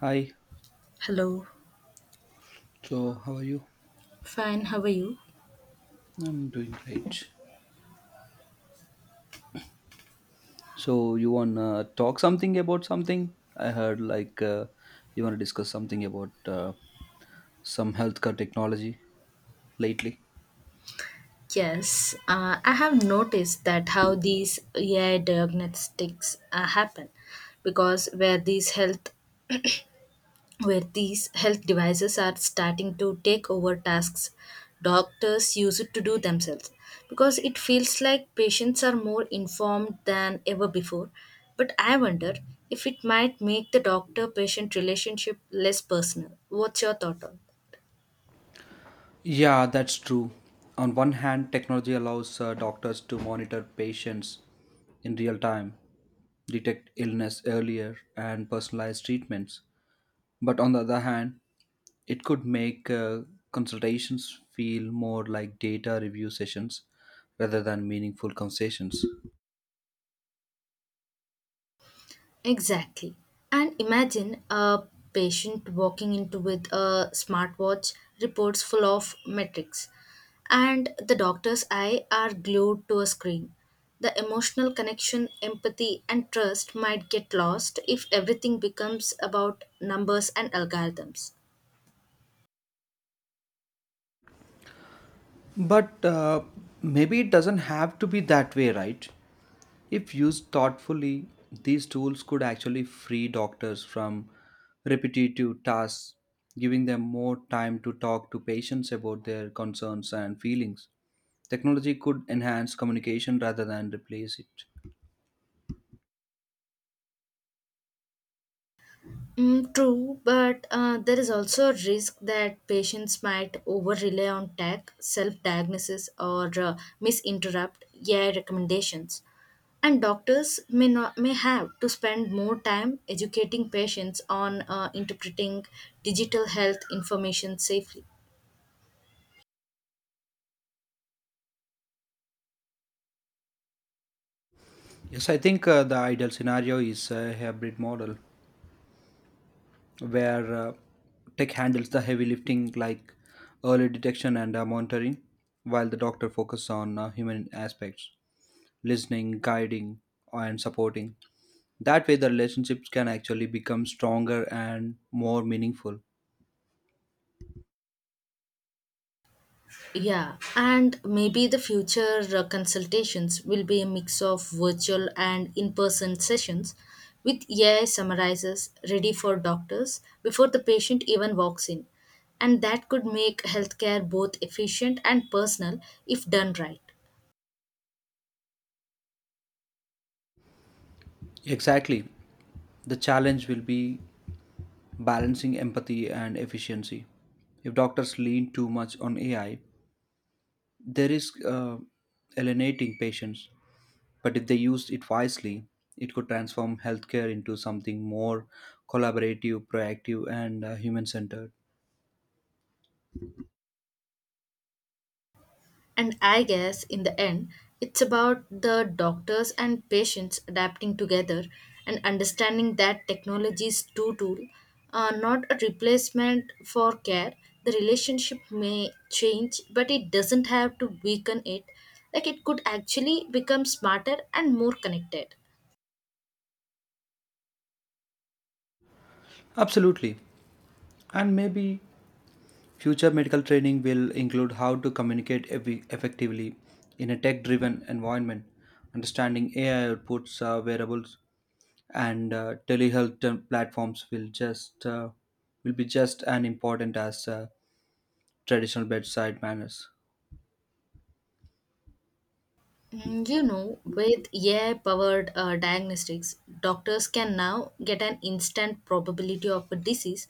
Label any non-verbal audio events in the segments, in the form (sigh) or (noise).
Hi, Hello. so how are you? Fine, how are you? I'm doing great. So you wanna talk something about something? I heard like you wanna discuss something about some healthcare technology lately. Yes, I have noticed that how these AI diagnostics happen because where these health devices are starting to take over tasks doctors use it to do themselves, because it feels like patients are more informed than ever before, but I wonder if it might make the doctor patient relationship less personal. What's your thought on? Yeah, that's true. On one hand, technology allows doctors to monitor patients in real time, detect illness earlier, and personalize treatments. But on the other hand, it could make consultations feel more like data review sessions rather than meaningful conversations. Exactly. And imagine a patient walking into with a smartwatch reports full of metrics and the doctor's eye are glued to a screen. The emotional connection, empathy and trust might get lost if everything becomes about numbers and algorithms. But maybe it doesn't have to be that way, right? If used thoughtfully, these tools could actually free doctors from repetitive tasks, giving them more time to talk to patients about their concerns and feelings. Technology could enhance communication rather than replace it. Mm, true, but there is also a risk that patients might over rely on tech, self diagnosis, or misinterrupt AI recommendations. And doctors may, not, may have to spend more time educating patients on interpreting digital health information safely. Yes, I think the ideal scenario is a hybrid model where tech handles the heavy lifting like early detection and monitoring, while the doctor focuses on human aspects, listening, guiding, and supporting. That way, the relationships can actually become stronger and more meaningful. Yeah, and maybe the future consultations will be a mix of virtual and in person sessions with AI summarizers ready for doctors before the patient even walks in. And that could make healthcare both efficient and personal if done right. Exactly. The challenge will be balancing empathy and efficiency. If doctors lean too much on AI, there is alienating patients, but if they used it wisely, it could transform healthcare into something more collaborative, proactive, and human centered. And I guess in the end, it's about the doctors and patients adapting together and understanding that technology is two tool, not a replacement for care. The relationship may change, but it doesn't have to weaken it. Like, it could actually become smarter and more connected. Absolutely. And maybe future medical training will include how to communicate effectively in a tech driven environment, understanding AI outputs, wearables, and telehealth platforms will be just as important as traditional bedside manners. With AI powered diagnostics, doctors can now get an instant probability of a disease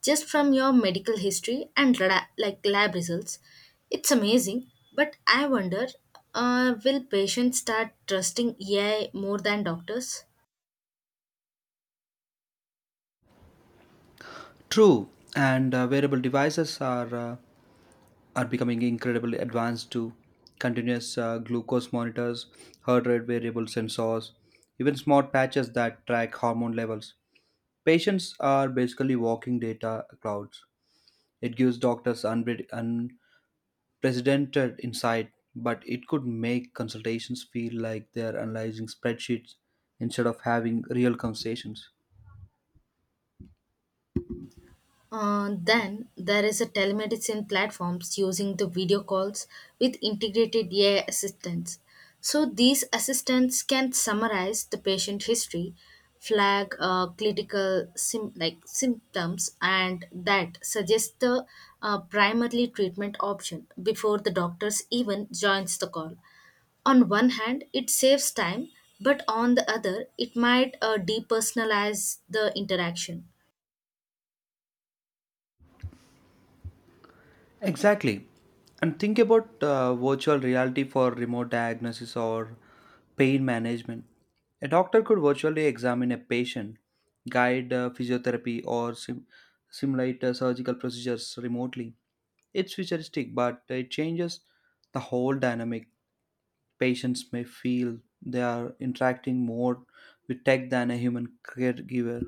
just from your medical history and like lab results. It's amazing, but I wonder, will patients start trusting AI more than doctors? True, and uh, wearable devices are becoming incredibly advanced too. Continuous glucose monitors, heart rate variable sensors, even smart patches that track hormone levels. Patients are basically walking data clouds. It gives doctors unprecedented insight, but it could make consultations feel like they're analyzing spreadsheets instead of having real conversations. Then there is a telemedicine platforms using the video calls with integrated AI assistants. So these assistants can summarize the patient history, flag clinical like symptoms, and that suggest the primarily treatment option before the doctors even joins the call. On one hand, it saves time, but on the other, it might depersonalize the interaction. Exactly. And think about virtual reality for remote diagnosis or pain management. A doctor could virtually examine a patient, guide physiotherapy, or simulate surgical procedures remotely. It's futuristic, but it changes the whole dynamic. Patients may feel they are interacting more with tech than a human caregiver.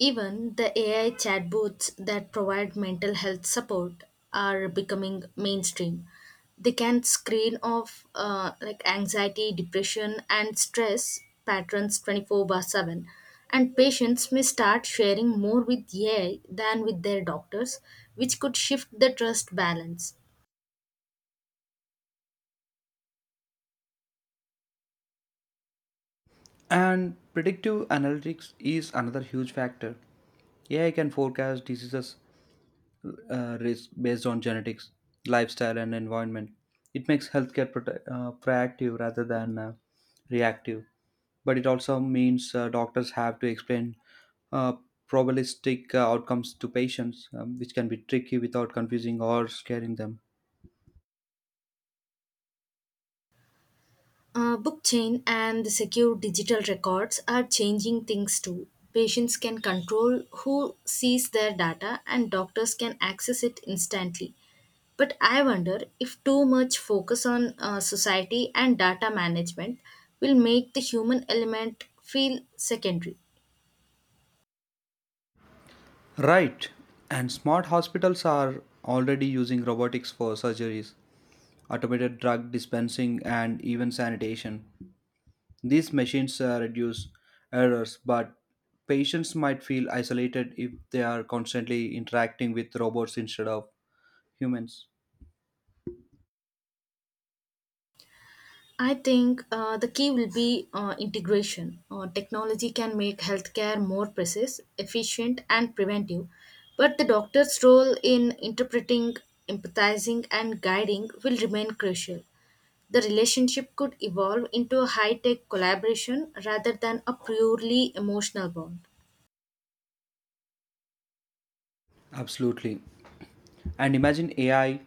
Even the AI chatbots that provide mental health support are becoming mainstream. They can screen off like anxiety, depression, and stress patterns 24/7. And patients may start sharing more with AI than with their doctors, which could shift the trust balance. And predictive analytics is another huge factor. AI can forecast diseases risk based on genetics, lifestyle, and environment. It makes healthcare proactive rather than reactive. But it also means doctors have to explain uh, probabilistic outcomes to patients, which can be tricky without confusing or scaring them. Blockchain and the secure digital records are changing things too. Patients can control who sees their data and doctors can access it instantly. But I wonder if too much focus on society and data management will make the human element feel secondary. Right. And smart hospitals are already using robotics for surgeries, automated drug dispensing, and even sanitation. These machines reduce errors, but patients might feel isolated if they are constantly interacting with robots instead of humans. I think the key will be integration. Technology can make healthcare more precise, efficient, and preventive, but the doctor's role in interpreting, empathizing, and guiding will remain crucial. The relationship could evolve into a high tech collaboration rather than a purely emotional bond. Absolutely. And imagine AI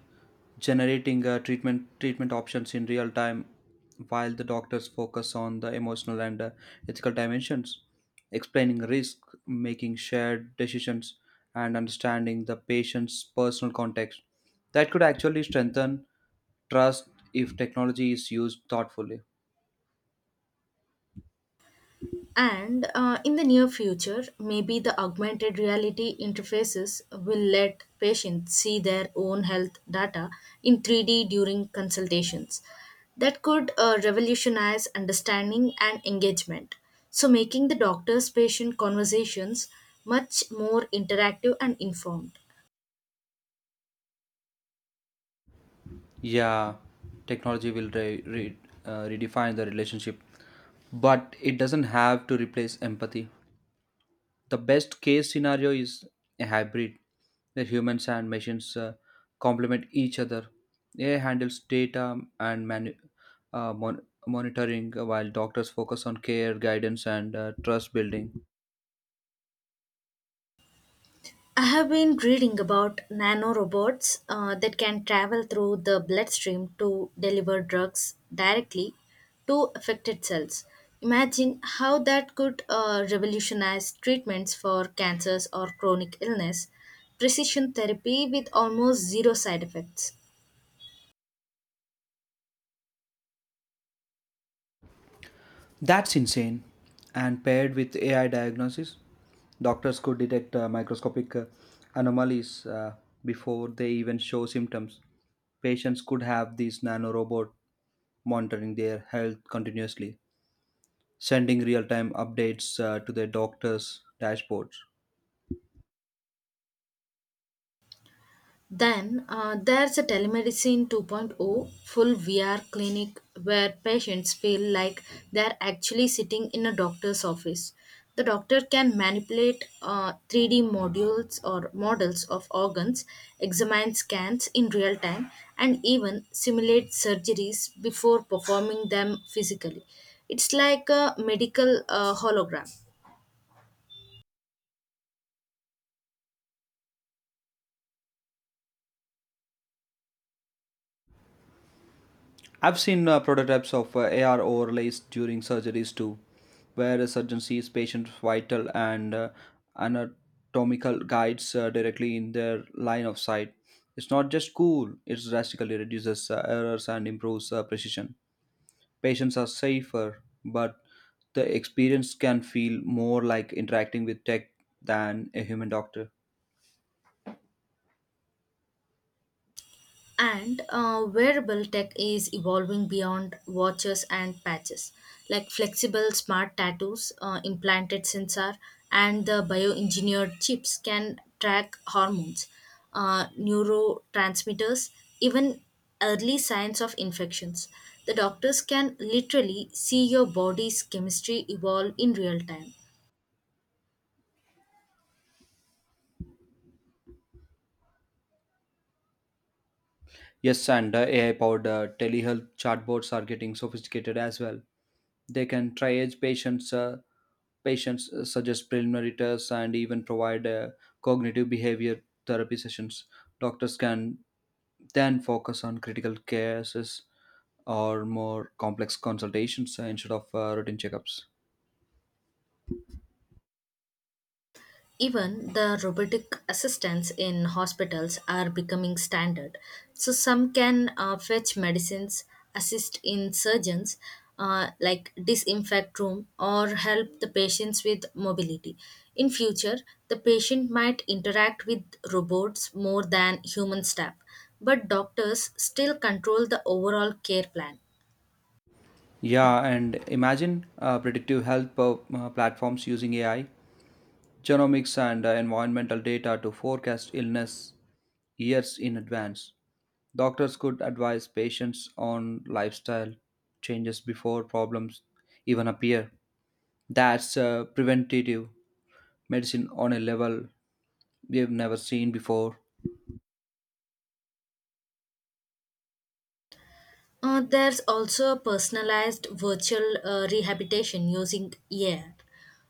generating treatment options in real time, while the doctors focus on the emotional and ethical dimensions, explaining risk, making shared decisions, and understanding the patient's personal context. That could actually strengthen trust if technology is used thoughtfully. And in the near future, maybe the augmented reality interfaces will let patients see their own health data in 3D during consultations. That could revolutionize understanding and engagement. So, making the doctor's patient conversations much more interactive and informed. Yeah, technology will redefine the relationship, but it doesn't have to replace empathy. The best case scenario is a hybrid where humans and machines complement each other. AI handles data and monitoring while doctors focus on care, guidance, and trust building. I have been reading about nanorobots that can travel through the bloodstream to deliver drugs directly to affected cells. Imagine how that could revolutionize treatments for cancers or chronic illness, precision therapy with almost zero side effects. That's insane. And paired with AI diagnosis, doctors could detect microscopic anomalies before they even show symptoms. Patients could have this nanorobot monitoring their health continuously, sending real-time updates to their doctors' dashboards. Then there's a telemedicine 2.0 full VR clinic where patients feel like they're actually sitting in a doctor's office. The doctor can manipulate 3D modules or models of organs, examine scans in real time, and even simulate surgeries before performing them physically. It's like a medical hologram. I've seen prototypes of AR overlays during surgeries too, where a surgeon sees patients' vital and anatomical guides directly in their line of sight. It's not just cool; it drastically reduces errors and improves precision. Patients are safer, but the experience can feel more like interacting with tech than a human doctor. And wearable tech is evolving beyond watches and patches, like flexible smart tattoos, implanted sensor, and the bioengineered chips can track hormones, neurotransmitters, even early signs of infections. The doctors can literally see your body's chemistry evolve in real time. Yes, and AI powered telehealth chatbots are getting sophisticated as well. They can triage patients, suggest preliminary tests, and even provide cognitive behavior therapy sessions. Doctors can then focus on critical cases or more complex consultations instead of routine checkups. Even the robotic assistants in hospitals are becoming standard. So, some can fetch medicines, assist in surgeons, like disinfect room, or help the patients with mobility. In future, the patient might interact with robots more than human staff, but doctors still control the overall care plan. Yeah, and imagine uh, predictive health platforms using AI, genomics, and environmental data to forecast illness years in advance. Doctors could advise patients on lifestyle changes before problems even appear. That's preventative medicine on a level we've never seen before. There's also a personalized virtual rehabilitation using AI.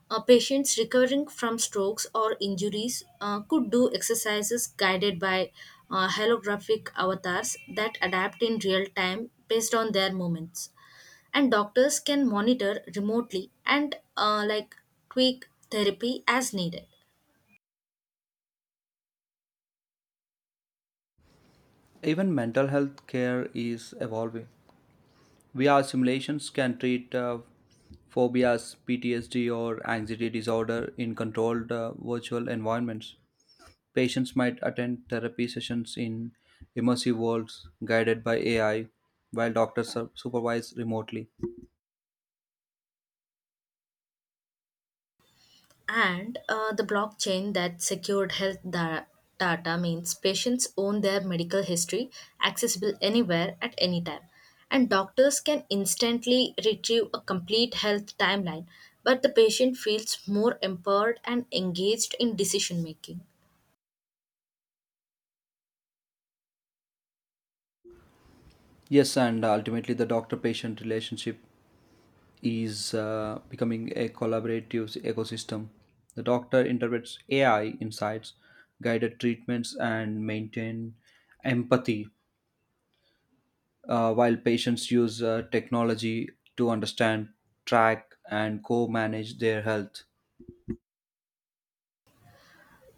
Patients recovering from strokes or injuries could do exercises guided by holographic avatars that adapt in real time based on their movements. And doctors can monitor remotely and like tweak therapy as needed. Even mental health care is evolving. VR simulations can treat phobias, PTSD, or anxiety disorder in controlled virtual environments. Patients might attend therapy sessions in immersive worlds guided by AI, while doctors are supervise remotely. And the blockchain that secured health data means patients own their medical history, accessible anywhere at any time. And doctors can instantly retrieve a complete health timeline, but the patient feels more empowered and engaged in decision making. Yes, and ultimately, the doctor patient relationship is becoming a collaborative ecosystem. The doctor interprets AI insights, guided treatments, and maintain empathy, while patients use technology to understand, track, and co manage their health.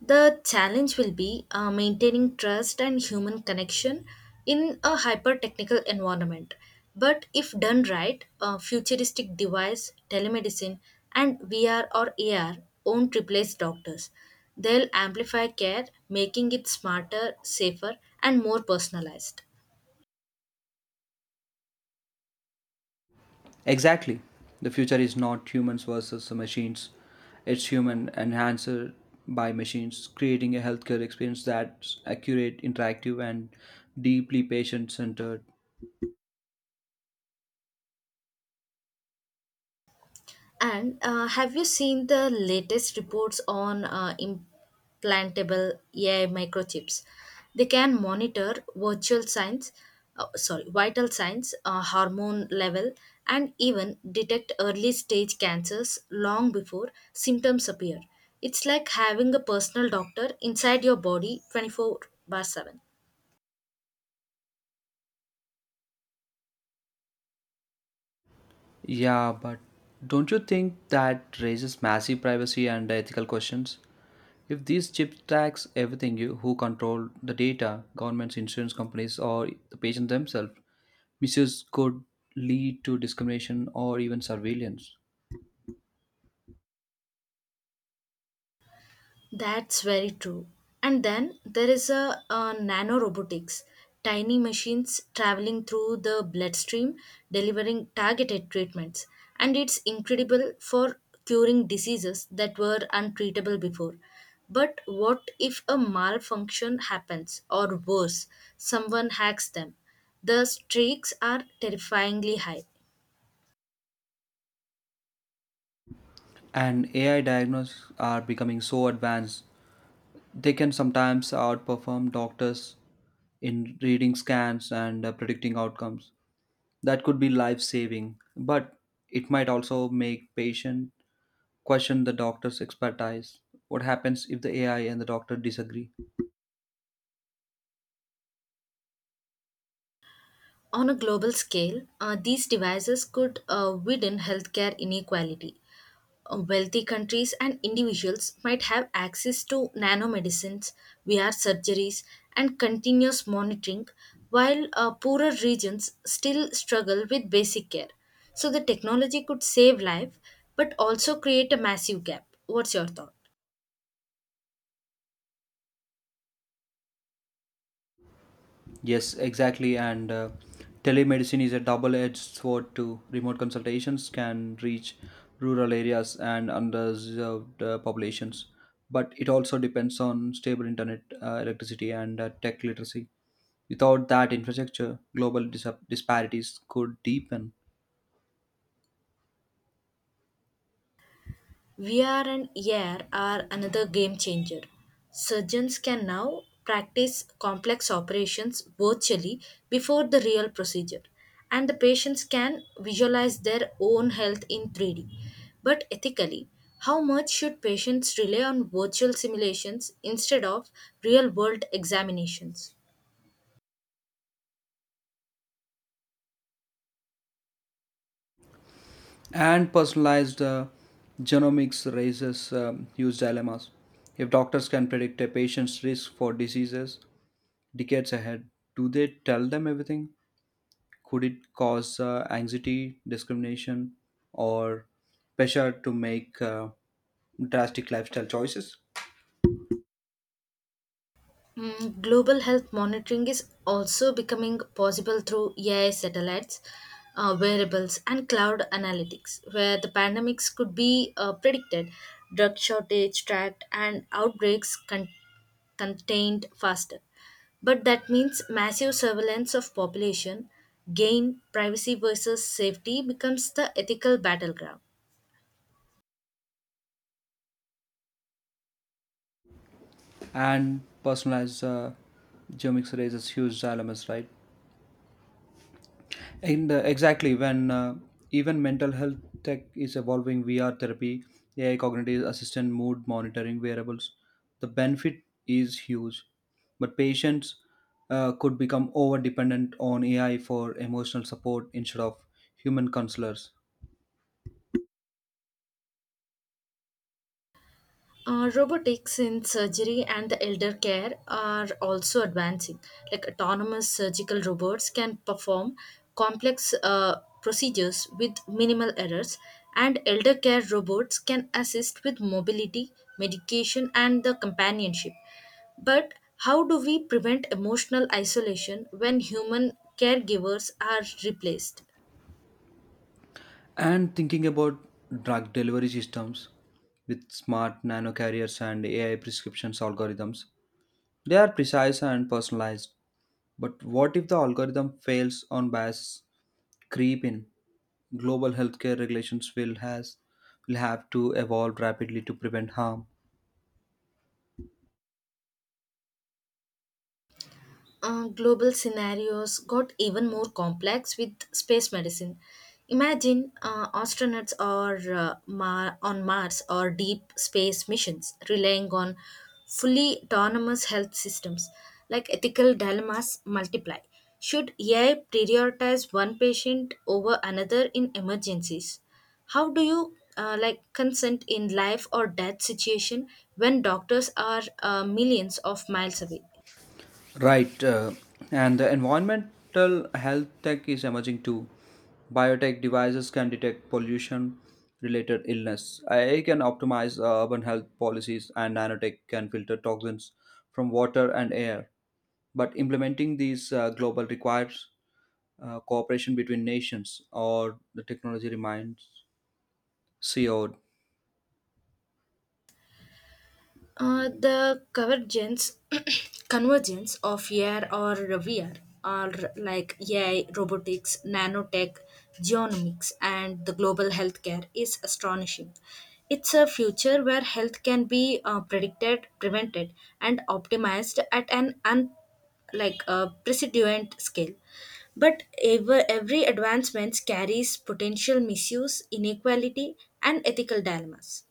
The challenge will be maintaining trust and human connection in a hyper technical environment. But if done right, a futuristic device, telemedicine, and VR or AR won't replace doctors. They'll amplify care, making it smarter, safer, and more personalized. Exactly. The future is not humans versus machines. It's human enhanced by machines, creating a healthcare experience that's accurate, interactive, and deeply patient centered. And have you seen the latest reports on implantable AI microchips? They can monitor virtual signs, sorry, vital signs, hormone level, and even detect early stage cancers long before symptoms appear. It's like having a personal doctor inside your body 24/7. Yeah, but don't you think that raises massive privacy and ethical questions? If these chips tax everything, you who control the data, governments, insurance companies, or the patient themselves, misuse could lead to discrimination or even surveillance. That's very true. And then there is a nanorobotics, tiny machines traveling through the bloodstream, delivering targeted treatments. And it's incredible for curing diseases that were untreatable before. But what if a malfunction happens, or worse, someone hacks them? The streaks are terrifyingly high. And AI diagnostics are becoming so advanced, they can sometimes outperform doctors in reading scans and predicting outcomes. That could be life saving, but it might also make patient question the doctor's expertise. What happens if the AI and the doctor disagree? On a global scale, these devices could widen healthcare inequality. Wealthy countries and individuals might have access to nanomedicines, VR surgeries, and continuous monitoring, while poorer regions still struggle with basic care. So the technology could save life, but also create a massive gap. What's your thought? Yes, exactly. And telemedicine is a double edged sword too. Remote consultations can reach rural areas and underserved populations, but it also depends on stable internet, electricity, and tech literacy. Without that infrastructure, global disparities could deepen. VR and AR are another game changer. Surgeons can now practice complex operations virtually before the real procedure, and the patients can visualize their own health in 3D. But ethically, how much should patients rely on virtual simulations instead of real world examinations? And personalized genomics raises huge dilemmas. If doctors can predict a patient's risk for diseases decades ahead, do they tell them everything? Could it cause anxiety, discrimination, or pressure to make drastic lifestyle choices? Global health monitoring is also becoming possible through AI satellites, wearables, and cloud analytics, where the pandemics could be predicted, drug shortage tracked, and outbreaks contained faster. But that means massive surveillance of population, gain, privacy versus safety becomes the ethical battleground. And personalized genomics raises huge dilemmas, right? And exactly when even mental health tech is evolving, VR therapy, AI cognitive assistant, mood monitoring wearables, the benefit is huge, but patients could become over dependent on AI for emotional support instead of human counselors. Robotics in surgery and the elder care are also advancing. Like, autonomous surgical robots can perform complex procedures with minimal errors, and elder care robots can assist with mobility, medication, and the companionship. But how do we prevent emotional isolation when human caregivers are replaced? And thinking about drug delivery systems with smart nano carriers and AI prescriptions algorithms, they are precise and personalized. But what if the algorithm fails on bias creep in? Global healthcare regulations will have to evolve rapidly to prevent harm. Global scenarios got even more complex with space medicine. Imagine astronauts are on Mars or deep space missions relying on fully autonomous health systems. Like, ethical dilemmas multiply. Should AI prioritize one patient over another in emergencies? How do you like consent in life or death situation when doctors are millions of miles away? Right, and the environmental health tech is emerging too. Biotech devices can detect pollution related illness. AI can optimize urban health policies, and nanotech can filter toxins from water and air. But implementing these global requires cooperation between nations, or the technology remains co. Uh, the convergence, (clears throat) Convergence of AR or VR are like AI, robotics, nanotech, genomics, and the global healthcare is astonishing. It's a future where health can be predicted, prevented, and optimized at an like a precedent scale. But every advancement carries potential misuse, inequality, and ethical dilemmas.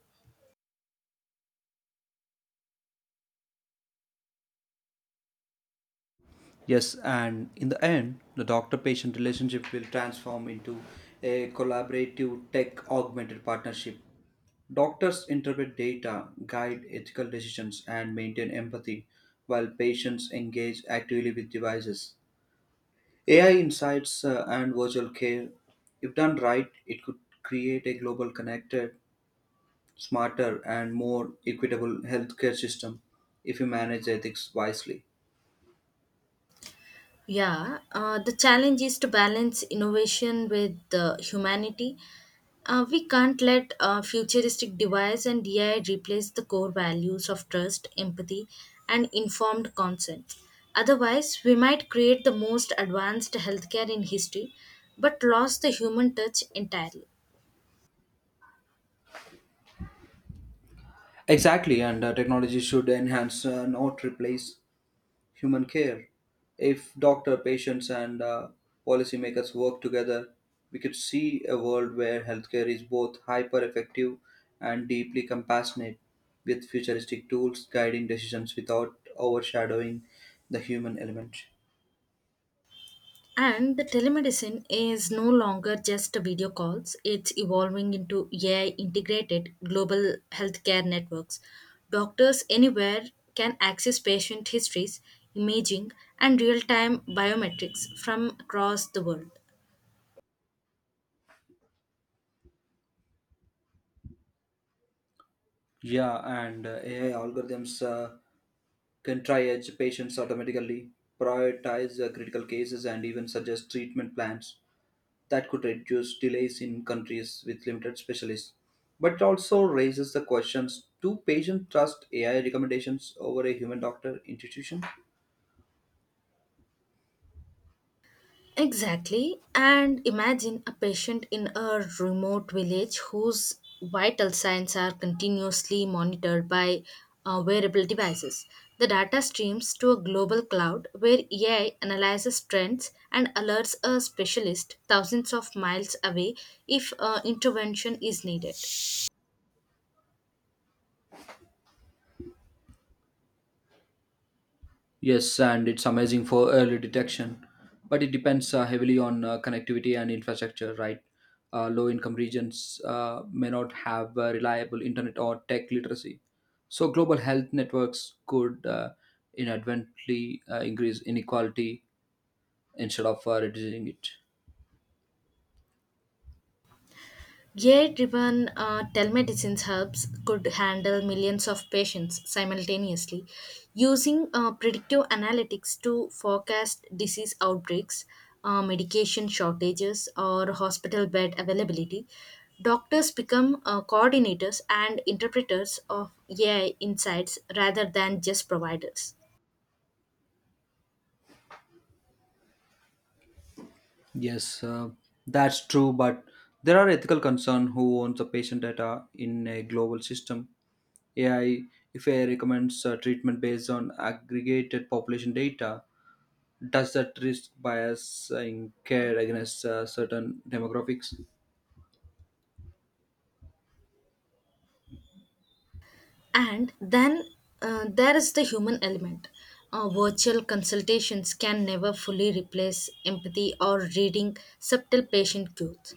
Yes, and in the end, the doctor patient relationship will transform into a collaborative tech augmented partnership. Doctors interpret data, guide ethical decisions, and maintain empathy while patients engage actively with devices. AI insights and virtual care, if done right, it could create a global connected, smarter, and more equitable healthcare system if we manage ethics wisely. Yeah, the challenge is to balance innovation with humanity. We can't let futuristic device and DI replace the core values of trust, empathy, and informed consent. Otherwise, we might create the most advanced healthcare in history, but lose the human touch entirely. Exactly, and technology should enhance, not replace, human care. If doctor, patients, and policymakers work together, we could see a world where healthcare is both hyper effective and deeply compassionate, with futuristic tools guiding decisions without overshadowing the human element. And the telemedicine is no longer just video calls, it's evolving into AI integrated global healthcare networks. Doctors anywhere can access patient histories, imaging, and real time biometrics from across the world. Yeah, and AI algorithms can triage patients automatically, prioritize critical cases, and even suggest treatment plans that could reduce delays in countries with limited specialists. But it also raises the questions, do patients trust AI recommendations over a human doctor institution? Exactly. And imagine a patient in a remote village whose vital signs are continuously monitored by wearable devices. The data streams to a global cloud where AI analyzes trends and alerts a specialist thousands of miles away if intervention is needed. Yes, and it's amazing for early detection, but it depends heavily on connectivity and infrastructure, right? Low income regions may not have reliable internet or tech literacy. So, global health networks could inadvertently increase inequality instead of reducing it. AI driven telemedicine hubs could handle millions of patients simultaneously using predictive analytics to forecast disease outbreaks, medication shortages, or hospital bed availability. Doctors become coordinators and interpreters of AI insights rather than just providers. Yes, that's true, but there are ethical concerns who owns the patient data in a global system. AI, if AI recommends treatment based on aggregated population data, does that risk biasing care against certain demographics? And then there is the human element. Virtual consultations can never fully replace empathy or reading subtle patient cues.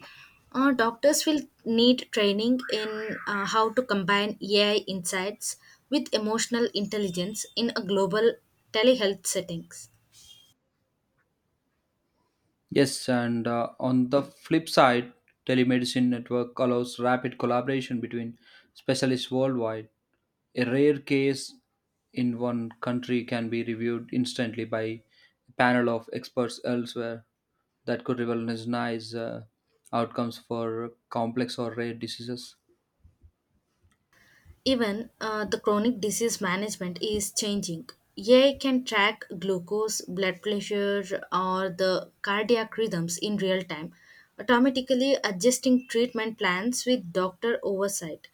Doctors will need training in how to combine AI insights with emotional intelligence in a global telehealth settings. Yes, and on the flip side, telemedicine network allows rapid collaboration between specialists worldwide. A rare case in one country can be reviewed instantly by a panel of experts elsewhere that could revolutionize outcomes for complex or rare diseases. Even the chronic disease management is changing. AI can track glucose, blood pressure, or the cardiac rhythms in real time, automatically adjusting treatment plans with doctor oversight.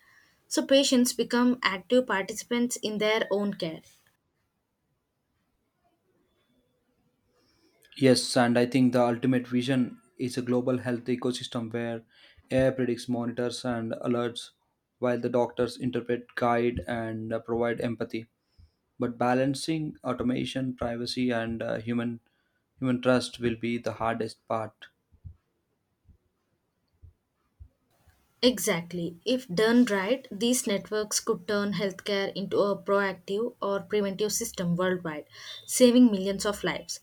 So patients become active participants in their own care. Yes, and I think the ultimate vision is a global health ecosystem where AI predicts, monitors, and alerts, while the doctors interpret, guide, and provide empathy. But balancing automation, privacy, and uh, human trust will be the hardest part. Exactly. If done right, these networks could turn healthcare into a proactive or preventive system worldwide, saving millions of lives.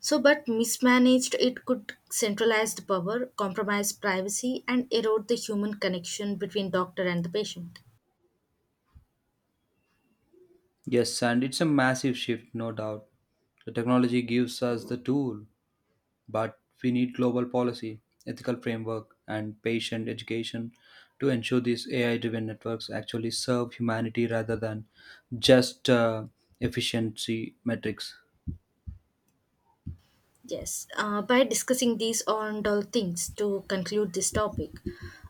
So, but mismanaged, it could centralize the power, compromise privacy, and erode the human connection between doctor and the patient. Yes, and it's a massive shift, no doubt. The technology gives us the tool, but we need global policy, ethical framework, and patient education to ensure these AI driven networks actually serve humanity rather than just efficiency metrics. Yes, by discussing these on all things to conclude this topic,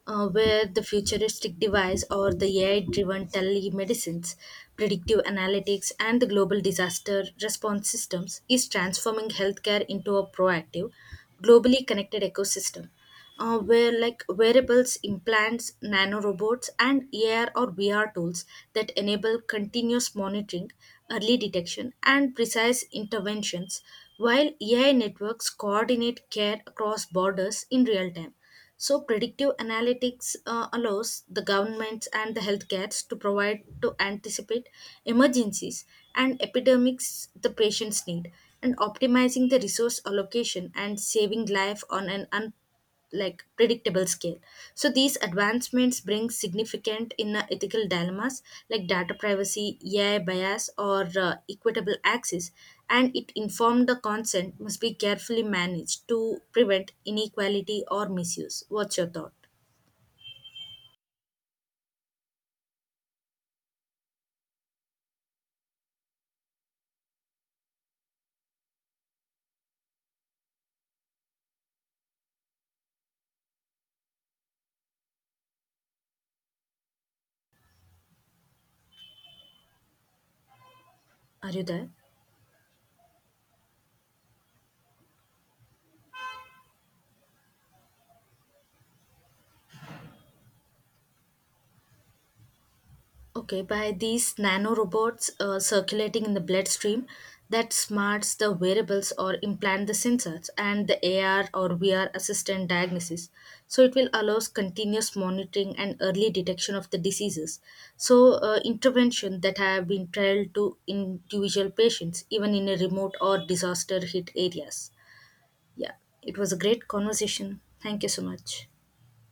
where the futuristic device or the AI driven telemedicines, predictive analytics, and the global disaster response systems is transforming healthcare into a proactive, globally connected ecosystem, where like wearables, implants, nanorobots, and AR or VR tools that enable continuous monitoring, early detection, and precise interventions, while AI networks coordinate care across borders in real time. So, predictive analytics allows the governments and the healthcares to provide to anticipate emergencies and epidemics the patients need, and optimizing the resource allocation and saving life on an unprecedented like predictable scale. So these advancements bring significant inner ethical dilemmas like data privacy, AI bias, or equitable access. And it informed the consent must be carefully managed to prevent inequality or misuse. What's your thought? Are you there? Okay, by these nanorobots circulating in the bloodstream that smarts the wearables or implant the sensors and the AR or VR assistant diagnosis. So it will allows continuous monitoring and early detection of the diseases. So intervention that have been trialed to individual patients even in a remote or disaster hit areas. Yeah, it was a great conversation. Thank you so much.